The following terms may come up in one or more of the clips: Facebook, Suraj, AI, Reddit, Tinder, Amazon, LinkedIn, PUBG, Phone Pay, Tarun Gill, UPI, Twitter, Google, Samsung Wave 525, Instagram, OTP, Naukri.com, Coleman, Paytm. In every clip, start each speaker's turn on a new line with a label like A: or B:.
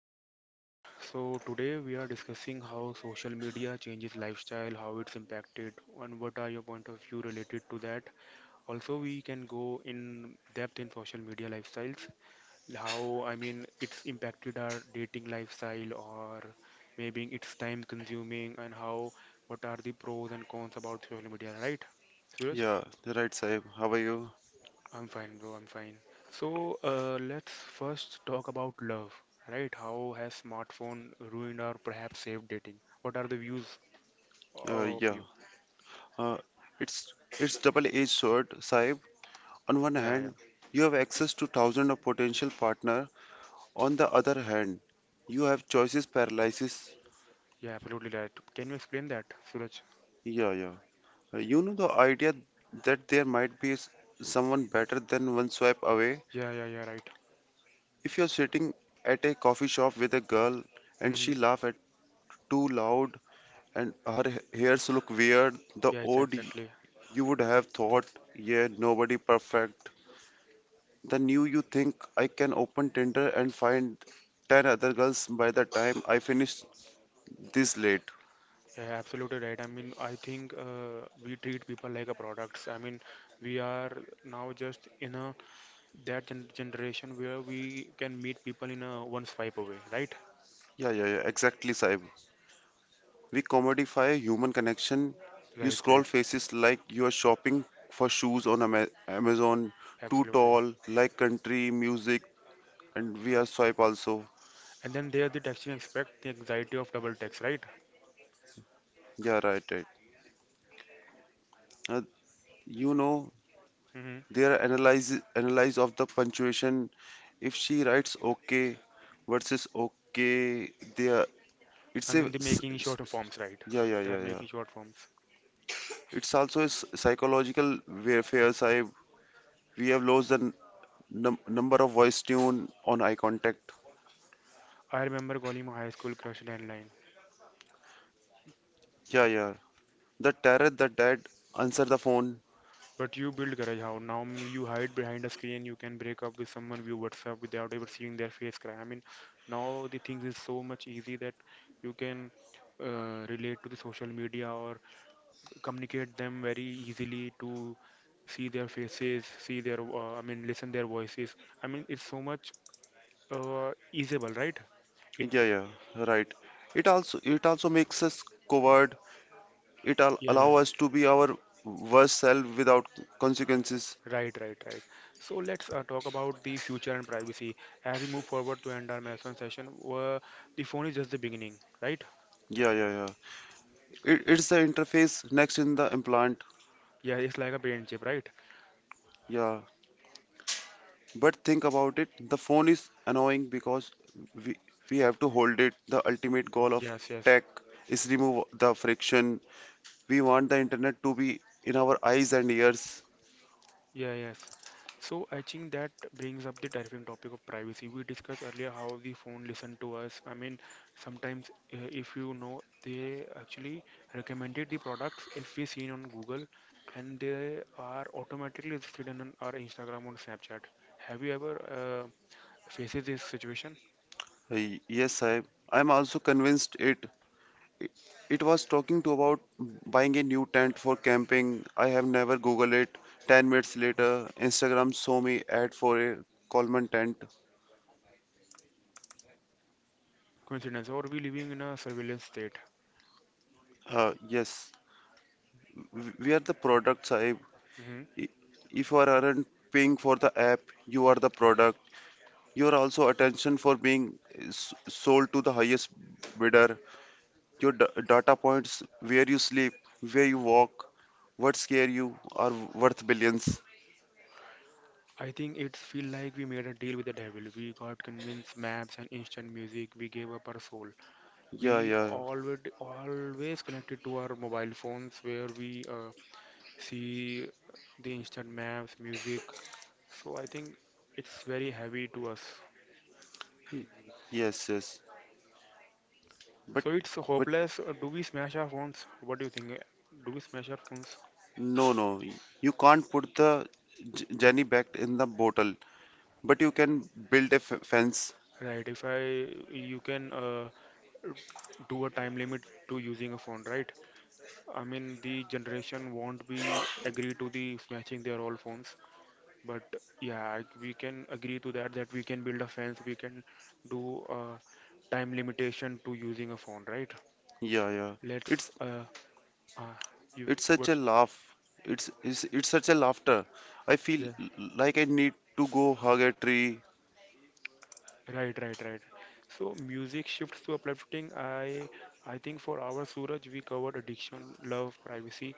A: to my podcast. So today we are discussing how social media changes lifestyle, how it's impacted, and what are your point of view related to that. Also, we can go in depth in social media lifestyles, how I mean it's impacted our dating lifestyle, or maybe it's time consuming, and how what are the pros and cons about social media, right, Suraj?
B: Yeah, right, Saib. How are you?
A: I'm fine, bro. I'm fine. So, let's first talk about love, right? How has smartphone ruined or perhaps saved dating? What are the views
B: Uh,
A: of
B: yeah,
A: you?
B: uh, it's it's double-edged sword, Saib. On one
A: Yeah, yeah,
B: hand, you have access to thousands of potential partner. On the other hand, you have choices paralysis.
A: yeah, absolutely right. Can you explain that, Suraj?
B: Yeah, yeah. You know the idea that there might be someone better than one swipe away.
A: Yeah, yeah, yeah, right.
B: If you're sitting at a coffee shop with a girl and she
A: Mm-hmm.
B: laugh at too loud and her hairs look weird, the
A: Yes,
B: odd
A: exactly.
B: you would have thought, yeah, nobody perfect. The new you think I can open Tinder and find 10 other girls by the time I finish this late.
A: Yeah, absolutely right. I mean, I think we treat people like a products. I mean, we are now just in a that gen generation where we can meet people in a one swipe away, right?
B: Yeah, yeah, yeah, exactly, Saib. We commodify human connection. You
A: Right,
B: scroll
A: right.
B: faces like you are shopping for shoes on Amazon, too
A: Absolutely.
B: tall, like country, music, and we are swipe also.
A: And then there's the texting expect the anxiety of double text, right?
B: Yeah, right, right. Uh, you know,
A: Hmm.
B: their analyze of the punctuation. If she writes okay versus okay, they are it's
A: I
B: a
A: mean, the making
B: s-
A: short
B: s-
A: forms, right?
B: yeah yeah
A: They are
B: yeah yeah.
A: making short forms.
B: It's also a psychological warfare. Sahib. We have lost the number of voice tune on eye contact.
A: I remember calling my high school crush landline.
B: Yeah, yeah. The terror, the dad answer the phone.
A: But you build courage how? Now you hide behind a screen, you can break up with someone via WhatsApp without ever seeing their face cry. I mean, now the things is so much easy that you can relate to the social media or communicate them very easily to see their faces, see their, I mean, listen their voices. I mean, it's so much easeable, right? It,
B: Yeah, yeah. Right. It also makes us coward. It al
A: yeah,
B: allow
A: yeah,
B: us to be our worst self without consequences.
A: right, right, right. So let's talk about the future and privacy as we move forward to end our marathon session. The phone is just the beginning, right?
B: Yeah, yeah, yeah. It's the interface next in the implant.
A: Yeah, it's like a brain chip, right?
B: Yeah. But think about it, the phone is annoying because we, we have to hold it. The ultimate goal of
A: Yes, yes.
B: tech is remove the friction. We want the internet to be in our eyes and ears.
A: Yeah, yes. So I think that brings up the terrifying topic of privacy. We discussed earlier how the phone listen to us. I mean, sometimes if you know, they actually recommended the products if we seen on Google, and they are automatically listed on our Instagram or Snapchat. Have you ever faces this situation?
B: Yes, I'm also convinced it it was talking to about buying a new tent for camping. I have never Googled it. 10 minutes later, Instagram saw me ad for a Coleman tent.
A: Coincidence, or we living in a surveillance state?
B: Yes, we are the products.
A: Hmm.
B: I- If you are aren't paying for the app, you are the product. You are also attention for being sold to the highest bidder. Your data points, where you sleep, where you walk, what scare you, are worth billions.
A: I think it's feel like we made a deal with the devil. We got convinced maps and instant music. We gave up our soul.
B: Yeah,
A: We
B: yeah,
A: always connected to our mobile phones where we see the instant maps, music. So I think it's very heavy to us.
B: yes, yes. But,
A: So it's
B: but
A: hopeless. Do we smash our phones? What do you think? Do we smash our phones?
B: no, no. You can't put the Jenny back in the bottle, but you can build a fence.
A: Right. If I you can do a time limit to using a phone, right? I mean the generation won't be agree to the smashing their old phones. But yeah, we can agree to that we can build a fence, we can do a time limitation to using a phone, right?
B: Yeah, yeah. It's
A: Let's, uh you
B: It's such a
A: what,
B: laugh. It's such a laughter. I feel
A: yeah,
B: like I need to go hug a tree.
A: right, right, right. So music shifts to uplifting. I think for our Suraj we covered addiction, love, privacy,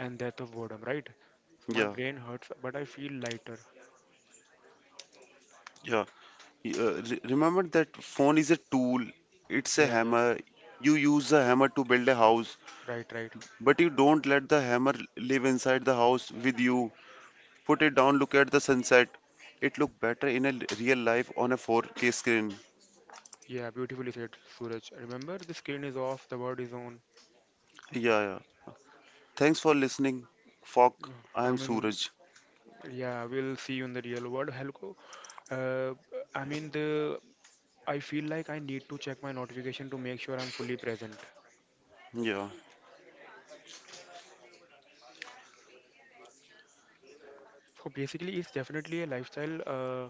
A: and death of boredom, right? My
B: Yeah,
A: brain hurts, but I feel lighter.
B: yeah. Remember that phone is a tool. It's a
A: Yeah, yeah,
B: hammer. You use a hammer to build a house,
A: right, right.
B: but you don't let the hammer live inside the house with you. Put it down. Look at the sunset. It look better in a real life on a 4K screen.
A: Yeah, beautifully said, Suraj. Remember, the screen is off, the word is on.
B: Yeah, yeah. Thanks for listening. Fuck.
A: Yeah,
B: I
A: I
B: am
A: mean,
B: Suraj.
A: yeah, we'll see you in the real world. Helco, uh, I mean the I feel like I need to check my notification to make sure I'm fully present.
B: Yeah.
A: So basically, it's definitely a lifestyle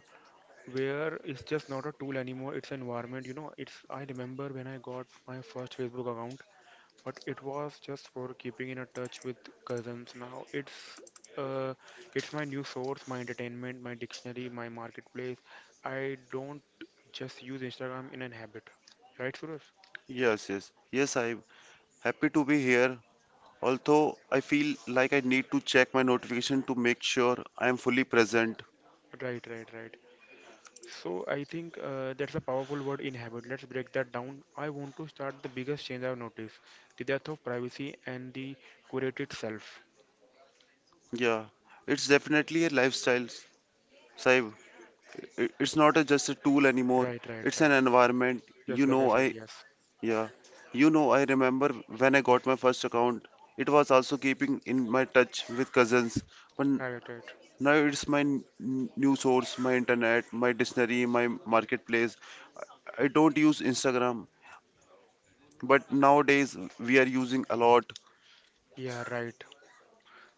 A: where it's just not a tool anymore. It's an environment. You know, it's I remember when I got my first Facebook account, but it was just for keeping in a touch with cousins. Now uh, it's my new source, my entertainment, my dictionary, my marketplace. I don't just use Instagram in an habit, right, Suraj?
B: Yes, yes. Yes, I'm happy to be here. Although I feel like I need to check my notification to make sure I am fully present.
A: Right, right, right. So I think that's a powerful word in habit. Let's break that down. I want to start the biggest change I've noticed, the death of privacy and the curated self.
B: Yeah, it's definitely a lifestyle, Saib. It's not a, just a tool anymore.
A: Right, right,
B: It's an
A: right.
B: environment. You
A: Just like
B: know,
A: I said, yes.
B: yeah, I remember when I got my first account. It was also keeping in my touch with cousins, but
A: Right, right.
B: now it's my new source, my internet, my dictionary, my marketplace. I don't use Instagram, but nowadays we are using a lot.
A: Yeah, right.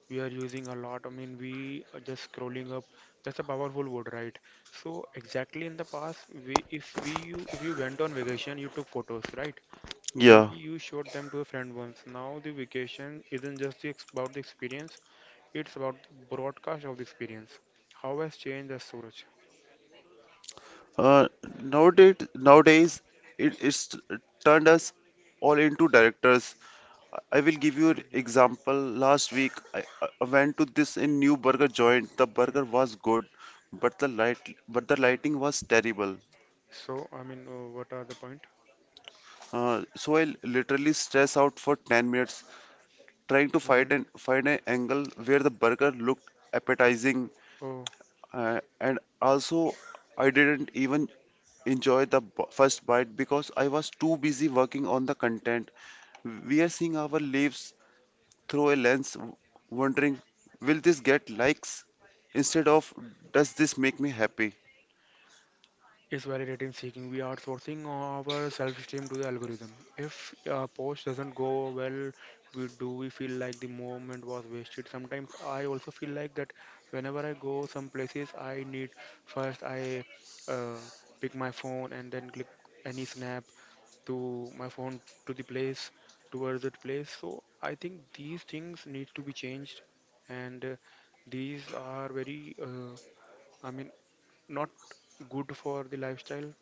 A: We are using a lot. I mean, we are just scrolling up. That's a powerful word, right? So exactly in the past, we if we you if you went on vacation, you took photos, right?
B: Yeah.
A: Maybe you showed them to a friend once. Now the vacation isn't just about the experience. It's about the broadcast of the experience. How has changed as Suraj?
B: Uh, nowadays it's turned us all into directors. I will give you an
A: Mm,
B: example. Last week, I went to this in new burger joint. The
A: mm.
B: burger was good, but the lighting was terrible.
A: So, I mean, what are the point?
B: So I literally stress out for 10 minutes trying to
A: Hmm.
B: find an angle where the burger looked appetizing,
A: Oh,
B: and also I didn't even enjoy the first bite because I was too busy working on the content. We are seeing our lives through a lens, wondering, will this get likes instead of does this make me happy?
A: is validating seeking. We are outsourcing our self-esteem to the algorithm. If a post doesn't go well, we feel like the moment was wasted. Sometimes I also feel like that whenever I go some places, I need first I uh, pick my phone and then click any snap to my phone to the place towards that place. So I think these things need to be changed, and these are very, I mean, not good for the lifestyle.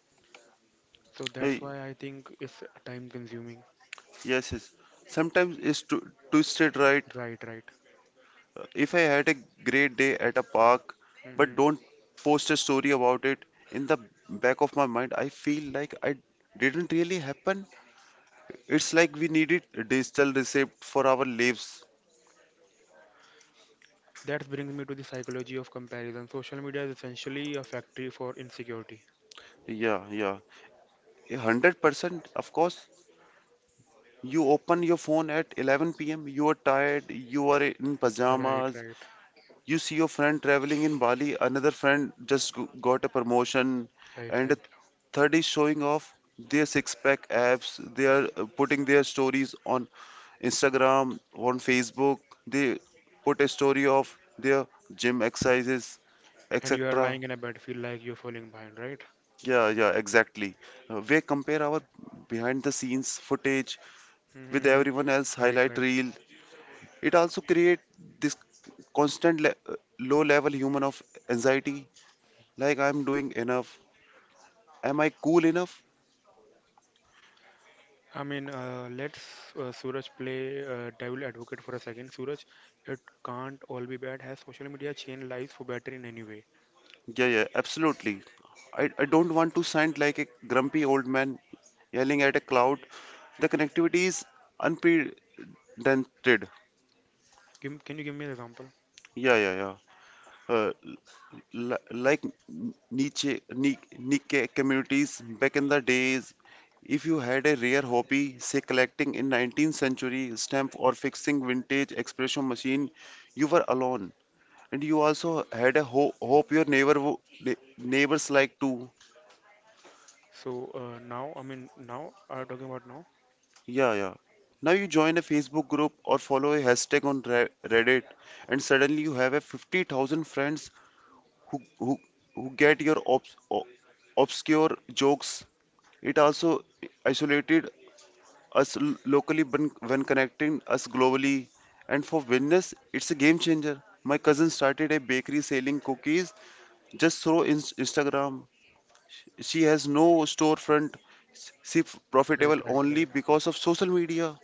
A: So that's
B: Hey,
A: why I think it's time consuming.
B: yes, yes. Sometimes it's to twisted right.
A: Right, right.
B: If I had a great day at a park, but
A: Hmm.
B: don't post a story about it, in the back of my mind, I feel like I didn't really happen. It's like we needed a digital receipt for our lives.
A: That brings me to the psychology of comparison. Social media is essentially a factory for insecurity.
B: Yeah, yeah. 100%, of course. You open your phone at 11 p.m., you are tired, you are in
A: Right,
B: pajamas,
A: right,
B: you see your friend traveling in Bali, another friend just got a promotion,
A: right,
B: and a
A: right.
B: third is showing off their six pack abs, they are putting their stories on Instagram, on Facebook, they put a story of their gym exercises,
A: And you are
B: etc.
A: lying in a bed, feel like you're falling behind, right?
B: Yeah, yeah, exactly. We compare our behind the scenes footage with
A: Mm-hmm.
B: everyone else
A: Right,
B: highlight
A: right.
B: reel. It also creates this constant low level human of anxiety like I'm doing enough. Am I cool enough?
A: I mean, let's, Suraj, play devil advocate for a second. Suraj, it can't all be bad. Has social media changed lives for better in any way?
B: Yeah, yeah, absolutely. I don't want to sound like a grumpy old man yelling at a cloud. The connectivity is unprecedented.
A: Can you give me an example?
B: Yeah, yeah, yeah. Like niche communities back in the days, if you had a rare hobby, say collecting in 19th century stamp or fixing vintage expression machine, you were alone. And you also had a hope your neighbor neighbors like too.
A: So now, I mean, now are you talking about now?
B: Yeah, yeah. Now you join a Facebook group or follow a hashtag on Reddit, and suddenly you have a 50,000 friends who, who, who get your obscure jokes. It also isolated us locally when connecting us globally. And for business, it's a game changer. My cousin started a bakery selling cookies just through Instagram. She has no storefront. She
A: Right,
B: profitable
A: right,
B: only
A: right.
B: because of social media.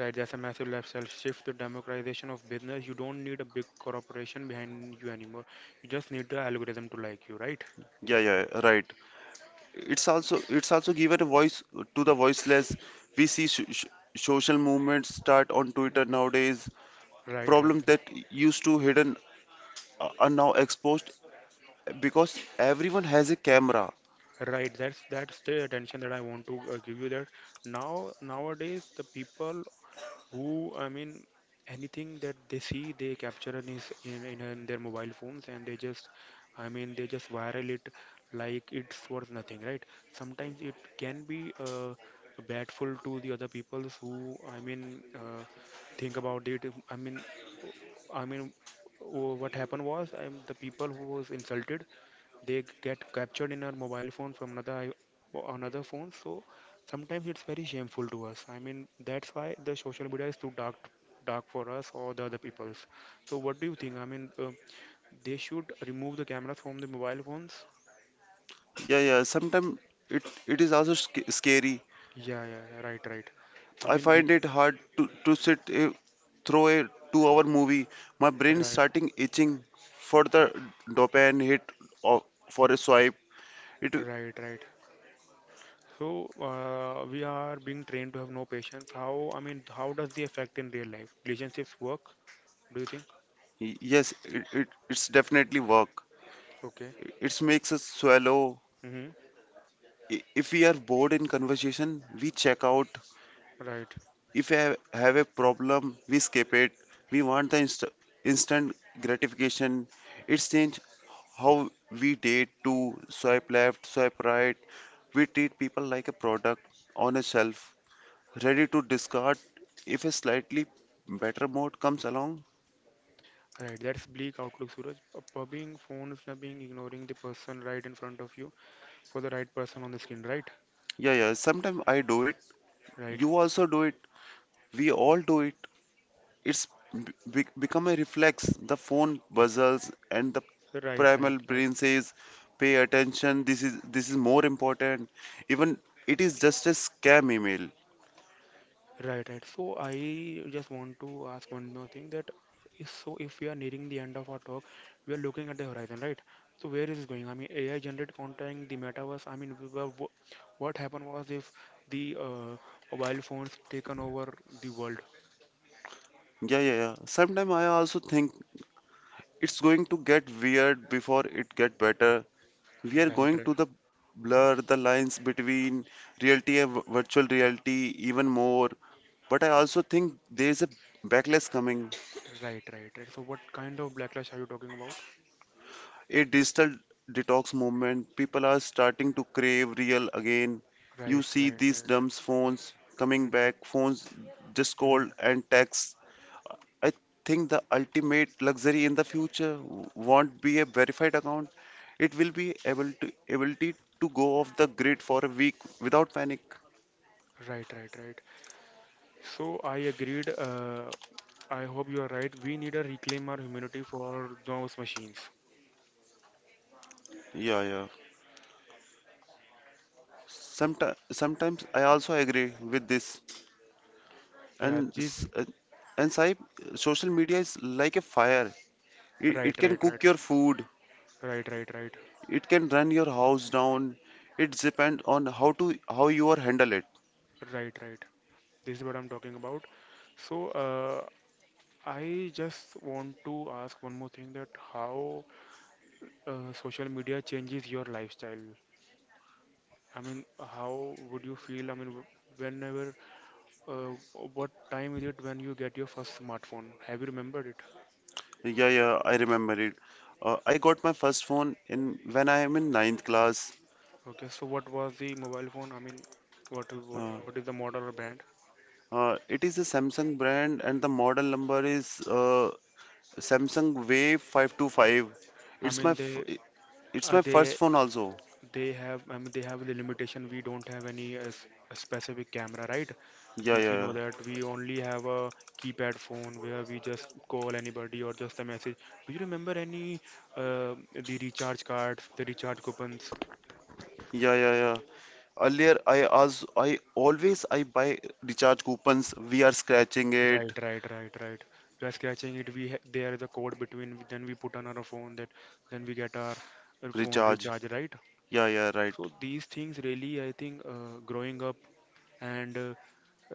A: Right, there's a massive lifestyle shift, the democratization of business. You don't need a big corporation behind you anymore. You just need the algorithm to like you, right?
B: Yeah, yeah, right. It's also given a voice to the voiceless. We see social movements start on Twitter
A: Mhm.
B: nowadays.
A: Right, right,
B: Problems that used to hidden are now exposed because everyone has a camera.
A: right. Right, that's the attention that I want to give you, that now nowadays the people who, I mean, anything that they see they capture in is in their mobile phones, and they just, I mean, they just viral it like it's worth nothing, right? Sometimes it can be badful to the other peoples who, I mean, think about it. I mean I mean, what happened was, the people who was insulted, they get captured in our mobile phone from another phone. So sometimes it's very shameful to us. I mean, that's why the social media is too dark for us or the other people's. So what do you think? I mean, they should remove the cameras from the mobile phones.
B: Yeah, yeah. Sometimes it is also scary.
A: Yeah, yeah, yeah, right, right. I
B: I
A: mean, we,
B: find it hard to sit through a two-hour movie. My brain is
A: right,
B: starting itching for the dopamine hit or for a swipe. It
A: right, right. So we are being trained to have no patience. How, I mean, how does the effect in real life relationships work, do you think?
B: yes, it it's definitely work.
A: Okay.
B: It makes us swallow.
A: Mm-hmm.
B: If we are bored in conversation, we check out.
A: Right.
B: If I have a problem, we skip it. We want the instant gratification. It's changed how we date to swipe left, swipe right. We treat people like a product on a shelf, ready to discard if a slightly better mode comes along.
A: Right, that's bleak outlook, Suraj. Pubbing, phone snubbing, ignoring the person right in front of you for the right person on the screen, right?
B: Yeah, yeah, sometimes I do it.
A: Right,
B: You also do it. We all do it. It's become a reflex. The phone buzzes, and the
A: right,
B: primal
A: right, right,
B: brain says, "Pay attention. This is more important." Even it is just a scam email.
A: right, right. So I just want to ask one more thing that is so if we are nearing the end of our talk, we are looking at the horizon, right? So where is this going? I mean, AI generated content, the metaverse. I mean, we were, what happened was if the mobile phones taken over the world.
B: Yeah, yeah, yeah. Sometimes I also think it's going to get weird before it get better. We are
A: Right,
B: going
A: right,
B: to the blur the lines between reality and virtual reality even more. But I also think there's a backlash coming.
A: right, right, right. So what kind of backlash are you talking about?
B: A digital detox movement. People are starting to crave real again. You
A: Right,
B: see
A: right,
B: these
A: right.
B: dumb phones coming
A: Mm,
B: back, phones just
A: mhm.
B: call and text. I think the ultimate luxury in the future won't be a verified account. It will be able to ability to go off the grid for a week without panic.
A: Right, right, right. So I agreed. I hope you are right. We need a reclaim our humanity for those machines.
B: Yeah, yeah. Sometimes I also agree with this. And
A: Yeah, this.
B: s- uh, and Saib, social media is like a fire.
A: Right,
B: It can
A: right, right,
B: cook your food,
A: right, right, right,
B: it can run your house down. It depends on how you are handle it.
A: right, right. This is what I'm talking about. So I just want to ask one more thing that how social media changes your lifestyle. I mean, how would you feel? I mean, whenever, uh, what time is it when you get your first smartphone? Have you remembered it?
B: Yeah, yeah, I remember it. I got my first phone in when I am in ninth class.
A: Okay, so what was the mobile phone? I mean
B: Uh,
A: what is the model or brand?
B: it is a Samsung brand and the model number is Samsung Wave 525.
A: I
B: It's my
A: mean,
B: f
A: they
B: it's
A: uh,
B: my first
A: they
B: phone also.
A: have, I mean, they have the limitation. We don't have any a specific camera, right?
B: Yeah, yeah,
A: If you know
B: yeah.
A: that, we only have a keypad phone where we just call anybody or just a message. Do you remember any uh, the recharge cards, the recharge coupons?
B: Yeah, yeah, yeah. Earlier I as I always I buy recharge coupons. We are scratching it.
A: Right, right, right, right. We are scratching it. We ha there is a code between. Then we put on our phone that then we get our phone
B: Recharge.
A: recharge, right?
B: Yeah, yeah, right.
A: So these things really, I think, growing up and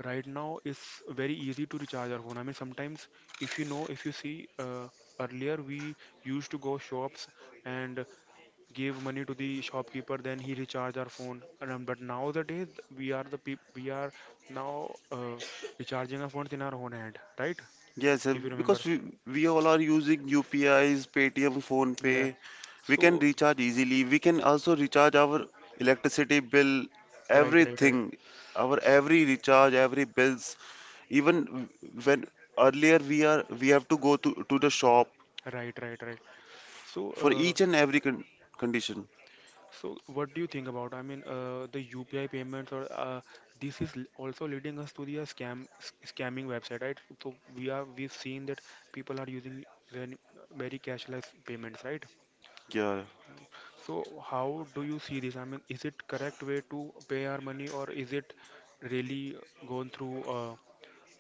A: right now it's very easy to recharge our phone. I mean, sometimes if you know, if you see, earlier we used to go shops and give money to the shopkeeper, then he recharge our phone. And, but nowadays we are the peop we are now recharging our phones in our own hand, right?
B: Yes,
A: If you
B: because
A: remember,
B: we all are using UPIs, Paytm, Phone
A: yeah.
B: Pay. We can
A: So
B: recharge easily. We can also recharge our electricity bill,
A: right, right, right,
B: everything, our
A: S-
B: every recharge, every bills. Even when earlier we have to go to the shop
A: right, right, right. So
B: for
A: uh,
B: each and every condition.
A: So, what do you think about? I mean, the UPI payments, or this also leading us to the scam scamming website, right? So we've seen that people are using very, very cashless payments, right?
B: Yeah.
A: So how do you see this? I mean, is it correct way to pay our money, or is it really going through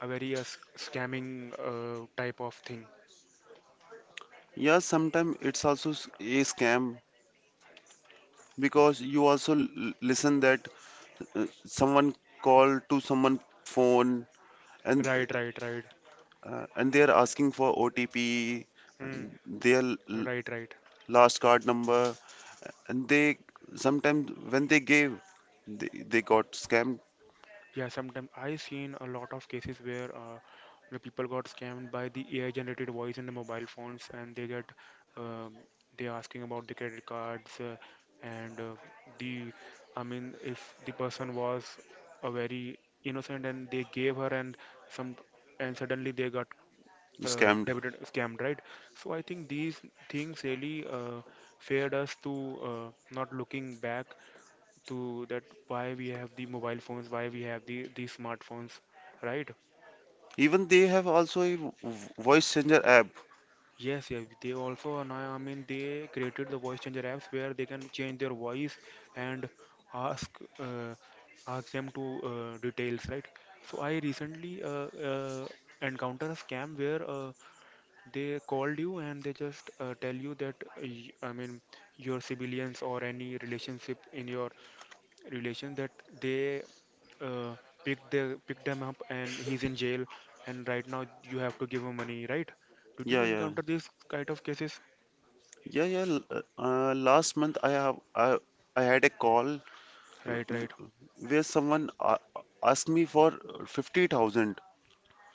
A: a very scamming type of thing?
B: Yeah, sometimes it's also a scam because you also l listen that someone called to someone phone and
A: Right, right, right.
B: they are asking for OTP,
A: Hmm.
B: and their
A: Right, right.
B: last card number, and they sometimes when they gave, they, they got
A: Yeah, sometimes I seen a lot of cases where the people got scammed by the AI generated voice in the mobile phones, and they get um, they asking about the credit cards, and the I mean if the person was a very innocent and they gave her, and some, and suddenly they got
B: scammed.
A: debited scammed, right? So I think these things really fared us to not looking back to that, why we have the mobile phones, why we have the smartphones, right?
B: Even they have also a voice changer app.
A: Yes, yeah, they also, and I mean they created the voice changer apps where they can change their voice and ask uh, ask them to details, right? So I recently uh, encountered a scam where they called you and they just tell you that I mean your civilians or any relationship in your relation that they, uh, picked the picked him up and he's in jail, and right now you have to give him money, right? Did you
B: Yeah, yeah,
A: encounter these kind of cases?
B: last month I had a call
A: Right,
B: w-
A: right.
B: where someone asked me for 50,000.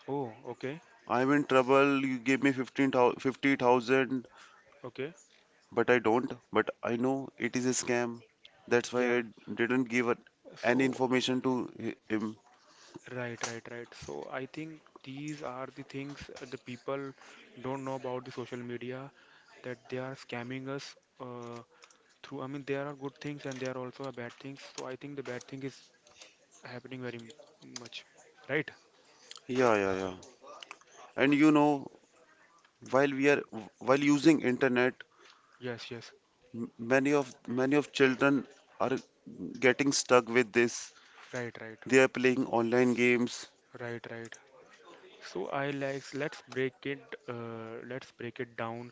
A: Oh, okay.
B: I'm in trouble. You gave me 15,000,
A: Okay,
B: but I don't. But I know it is a scam. That's why
A: yeah.
B: I didn't give any
A: So
B: information to him.
A: right, right, right, so I think these are the things the people don't know about the social media, that they are scamming us uh, through, I mean there are good things and there are also are bad things, so I think the bad thing is happening very much, right?
B: Yeah, yeah, yeah. And you know, while we are while using internet,
A: Yes, yes.
B: m- many of many of children are getting stuck with this.
A: Right, right,
B: They are playing online games.
A: right, right. So I like let's break it down.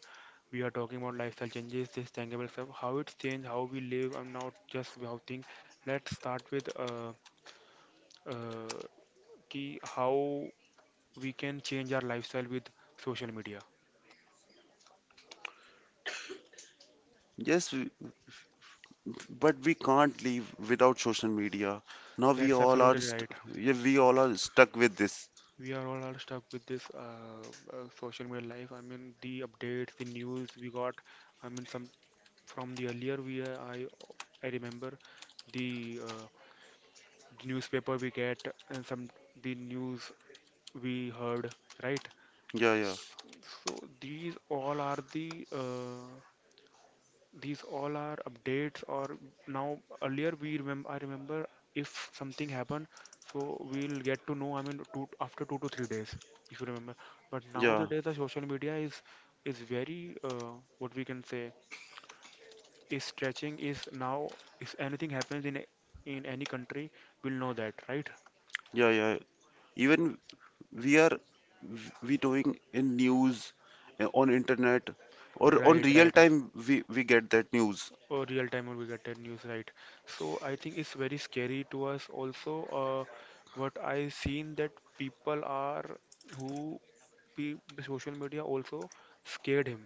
A: We are talking about lifestyle changes, this tangible stuff, how it's changed, how we live, and not just how things. Let's start with uh, key how we can change our lifestyle with social media.
B: Yes, we- but we can't live without social media. Now we
A: That's
B: all are
A: absolutely
B: st
A: right.
B: yeah, we all are stuck with this.
A: We are all are stuck with this social media life. I mean, the updates, the news we got. I mean, some from the earlier we I remember the uh, the newspaper we get and some the news we heard, right?
B: Yeah, yeah,
A: So these all are the these all are updates. Or now earlier we remember I remember, if something happened, so we'll get to know, I mean two to three days, if you remember. But
B: yeah,
A: nowadays the social media is very what we can say, is stretching, is now if anything happens in any country, we'll know that, right?
B: yeah, yeah. Even we are we doing in news on internet or on
A: Right,
B: real
A: right,
B: time we get that news.
A: or real time, or we get a news, right? So I think it's very scary to us also, uh, what I seen that people are who the social media also scared him,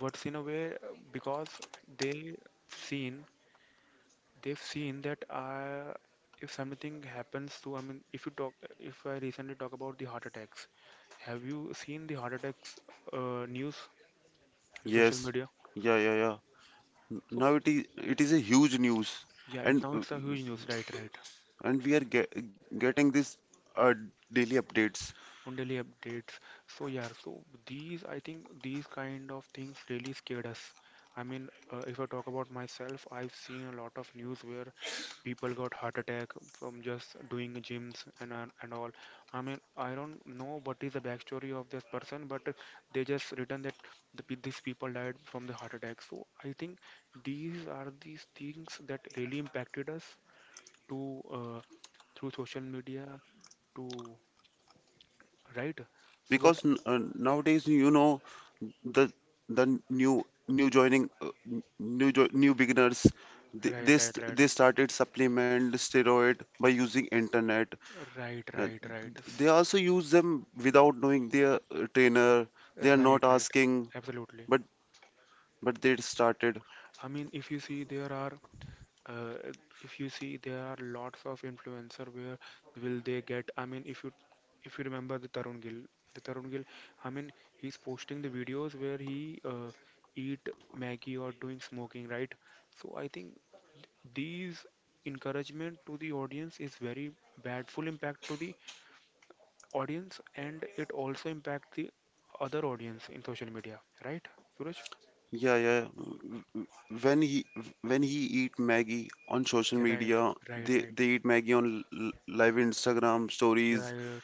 A: what's in a way, because they seen, they've seen that, if something happens to, I mean if you talk, if I recently talk about the heart attacks, have you seen the heart attacks news in social
B: Yes,
A: media?
B: yeah, yeah, yeah.
A: So
B: Now it is a huge news.
A: yeah, it's
B: And
A: now it's a huge news, right? Right.
B: and we are ge getting this uh, daily updates.
A: On daily updates. So yeah, so these, I think these kind of things really scared us. I mean, if I talk about myself, I've seen a lot of news where people got heart attack from just doing gyms and all. I mean, I don't know what is the backstory of this person, but they just written that these people died from the heart attack. So I think these are, these things that really impacted us to through social media to right. So what?
B: Because n Nowadays, the the new new joining n- new jo new beginners,
A: Right, right, right.
B: they started supplement steroid by using internet.
A: Right,
B: Uh,
A: right, right.
B: They
A: S-
B: also use them without knowing their trainer. They are not
A: Right, right.
B: asking,
A: Absolutely.
B: but they started.
A: I mean, if you see, there are, uh, if you see, there are lots of influencer where will they get, I mean, if you remember the Tarun Gill, I mean, he's posting the videos where he eat Maggie or doing smoking, right? So I think these encouragement to the audience is very bad, full impact to the audience, and it also impact the other audience in social media, right, Suraj?
B: Yeah, yeah. When he eat Maggie on social
A: Yeah, right,
B: media,
A: right,
B: they
A: right.
B: they eat Maggie on live Instagram
A: Yeah,
B: stories.
A: right.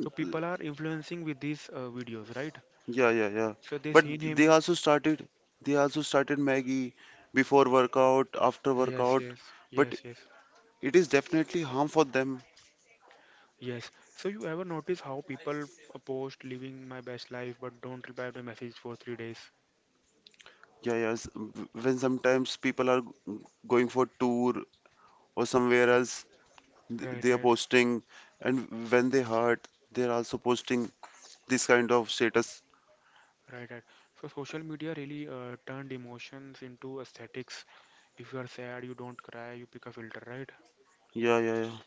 A: So people are influencing with these videos, right?
B: yeah, yeah, yeah.
A: So they
B: But
A: seen
B: they
A: him.
B: also started. They also started Maggie before workout, after
A: Yes,
B: workout.
A: yes,
B: But
A: yes, yes,
B: it is definitely harm for them.
A: yes. So you ever notice how people post living my best life, but don't reply to message for three days?
B: Yeah, yes. When sometimes people are g- going for tour or somewhere else,
A: Right,
B: they are
A: right,
B: posting, and when they hurt they're also posting this kind of status.
A: right, right. So social media really turned emotions into aesthetics. If you are sad, you don't cry, you pick a filter, right?
B: Yeah, yeah, yeah.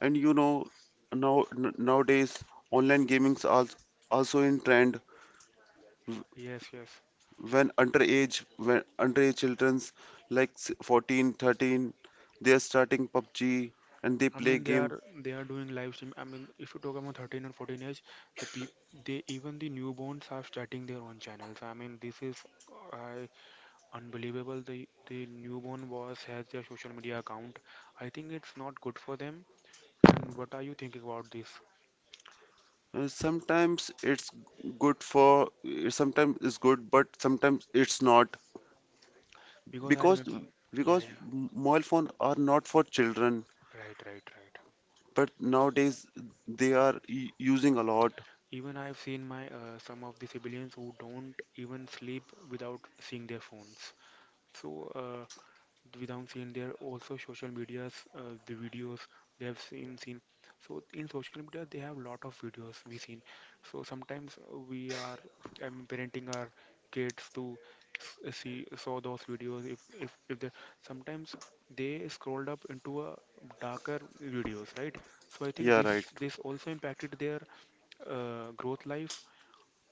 B: And you know, now nowadays online gaming's also, also in trend.
A: Yes, yes.
B: when underage when underage children's, like 14, 13, they are starting PUBG and they
A: I
B: play
A: mean,
B: game.
A: they are doing live stream. I mean, if you talk about 13 or 14 age, the peop they, even the newborns are starting their own channels. I mean, this is uh, unbelievable. The newborn was has their social media account. I think it's not good for them. And what are you thinking about this?
B: Sometimes it's good for sometimes it's good, but sometimes it's not.
A: Because I
B: Because
A: remember, yeah,
B: because
A: yeah,
B: mobile phone are not for children,
A: right, right, right.
B: but nowadays they are using a lot.
A: Even I've seen my some of the civilians who don't even sleep without seeing their phones. So uh, without seeing, there are also social medias, the videos they have seen so in social media, they have lot of videos we seen. So sometimes we are parenting our kids to see saw those videos, if they sometimes they scrolled up into a darker videos, right? So I think
B: Yeah,
A: this
B: right.
A: this also impacted their growth life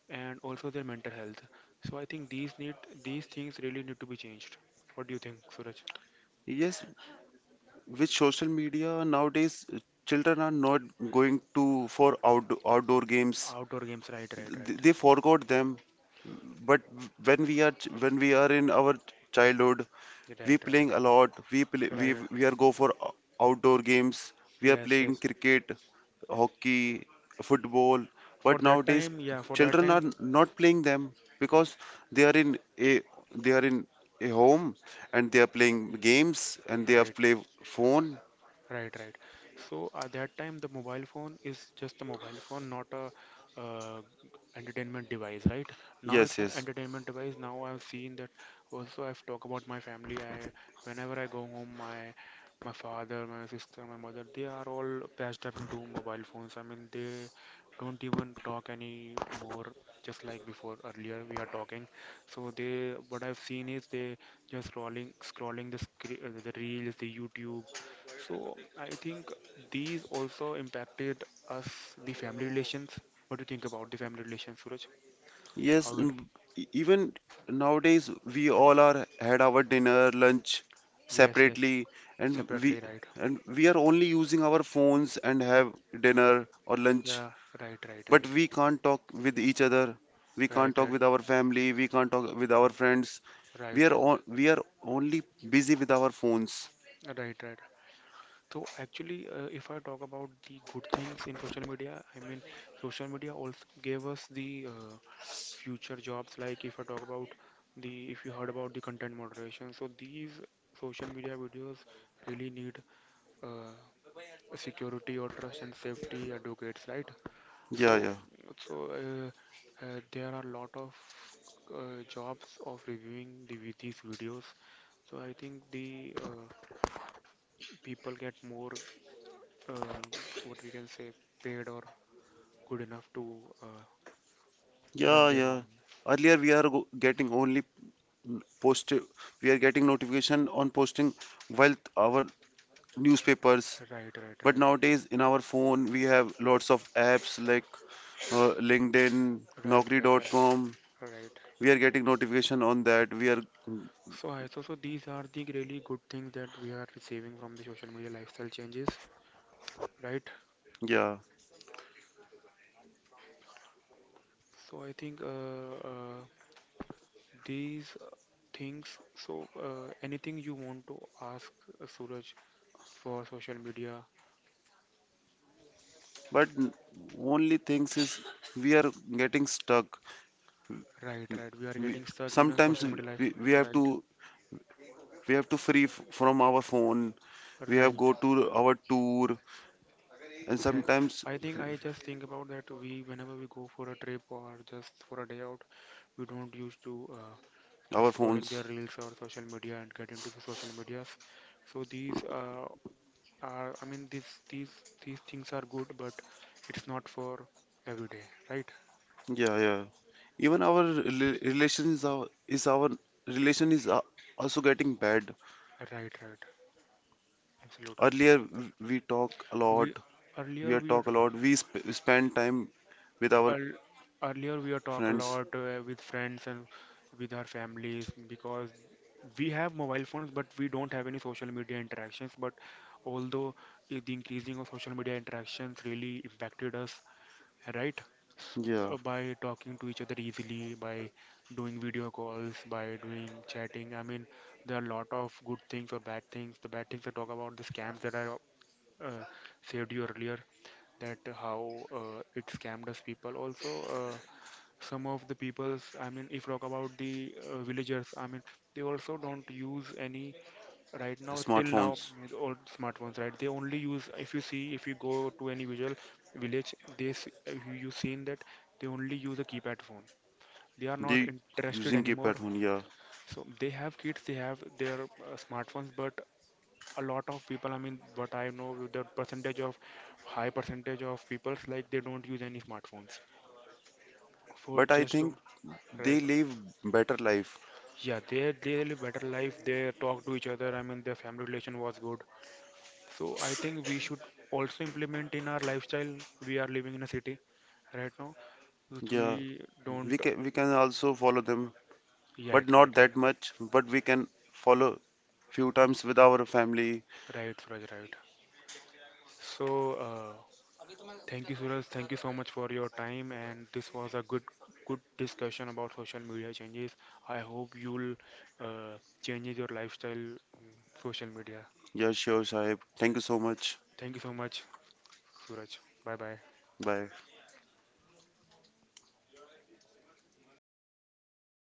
A: and also their mental health, so I think these need, these things really need to be changed. What do you think, Suraj?
B: Yes, with social media nowadays children are not going to for outdoor games.
A: Outdoor games, right, right, right,
B: They forgot them. But when we are when we are in our childhood, we
A: right,
B: playing a lot. We play,
A: right, right.
B: we are go for outdoor games. We are
A: Yes,
B: playing
A: yes.
B: cricket, hockey, football.
A: For
B: But
A: that
B: nowadays
A: time, yeah, for that
B: children are
A: time,
B: not playing them because they are in a they are in a home, and they are playing games, and they have
A: right.
B: play phone.
A: Right, right. So at that time, the mobile phone is just a mobile phone, not a uh, entertainment device, right? Now
B: Yes,
A: it's an
B: yes.
A: entertainment device. Now I've seen that. Also, I've talked about my family. I whenever I go home, my father, my sister, my mother, they are all patched up into mobile phones. I mean, they don't even talk any more. Just like before, earlier we are talking. So they, what I've seen is they just scrolling, scrolling the screen, the reels, the YouTube. So I think these also impacted us, the family relations. What do you think about the family relations, Suraj?
B: Yes,
A: How it?
B: and even nowadays we all are had our dinner, lunch
A: Yes, yes.
B: separately, and we
A: Separately, right?
B: and we are only using our phones and have dinner or lunch,
A: Yeah, right, right,
B: but
A: right,
B: we can't talk with each other. We can't
A: right,
B: talk
A: right,
B: with our family. We can't talk with our friends.
A: right, right,
B: We are only busy with our phones.
A: right, right. So actually, if I talk about the good things in social media, I mean, social media also gave us the future jobs. Like if I talk about the, if you heard about the content moderation, so these social media videos really need uh, security or trust and safety advocates, right?
B: Yeah,
A: So,
B: yeah,
A: so, there are a lot of jobs of reviewing the with these videos. So I think the people get more um what we can say, paid or good enough to run
B: yeah,
A: their
B: yeah.
A: home.
B: Earlier we are getting only post. We are getting notification on posting while our newspapers.
A: Right, right,
B: But
A: right,
B: nowadays, in our phone, we have lots of apps like LinkedIn,
A: right, right,
B: Naukri.com.
A: right, right.
B: We are getting notification on that. We are,
A: So I, so so these are the really good things that we are receiving from the social media lifestyle changes, right?
B: yeah.
A: So I think these things. So, anything you want to ask, Suraj, for social media?
B: But only things is we are getting stuck.
A: Right, right. We are
B: We,
A: getting stuck in a
B: sometimes
A: social media life.
B: we, we have
A: Right,
B: to we have to free from our phone. We have
A: right.
B: go to our tour, and
A: Yeah.
B: sometimes
A: I think I just think about that. We whenever we go for a trip or just for a day out, we don't used to just
B: our
A: scrolling their
B: phones.
A: reels or social media and get into the social medias. So these are, I mean, these things are good, but it's not for every day, right?
B: Yeah, yeah. Even our rela- relations are, is our relation is also getting bad.
A: Right, right. Absolutely.
B: Earlier, we talk a
A: We
B: lot. We
A: earlier
B: are
A: we were,
B: talk a lot. We sp spend time with our
A: earl- earlier we are talk a
B: friends.
A: lot with friends and with our families, because we have mobile phones, but we don't have any social media interactions. But although the increasing of social media interactions really impacted us, right? S-
B: Yeah,
A: by talking to each other easily, by doing video calls, by doing chatting. I mean, there are a lot of good things or bad things. The bad things I talk about the scams that are uh, said you earlier, that how it scammed us, people also uh, some of the peoples, I mean if talk about the villagers, I mean they also don't use any right now, till now,
B: smartphones.
A: with all smartphones, right? They only use, if you see, if you go to any visual village, if you seen that, they only use a keypad phone, they are not
B: They
A: interested
B: using
A: anymore.
B: keypad phone. Yeah,
A: So they have kids, they have their smartphones, but a lot of people, I mean what I know, the percentage of high percentage of people like they don't use any smartphones for
B: but I
A: just to
B: think
A: right.
B: they live better life.
A: Yeah, they live better life, they talk to each other, I mean their family relation was good. So I think we should also implement in our lifestyle, we are living in a city right now, which we
B: Yeah,
A: don't,
B: we can also follow them,
A: yeah,
B: but
A: right
B: not
A: right right,
B: that much. But we can follow few times with our family.
A: right, Suraj, right. So uh, thank you, Suraj. Thank you so much for your time, and this was a good good discussion about social media changes. I hope you'll uh, change your lifestyle on social media.
B: Yeah, sure, Sahib. Thank you so much.
A: Thank you so much, Suraj. Bye bye.
B: Bye.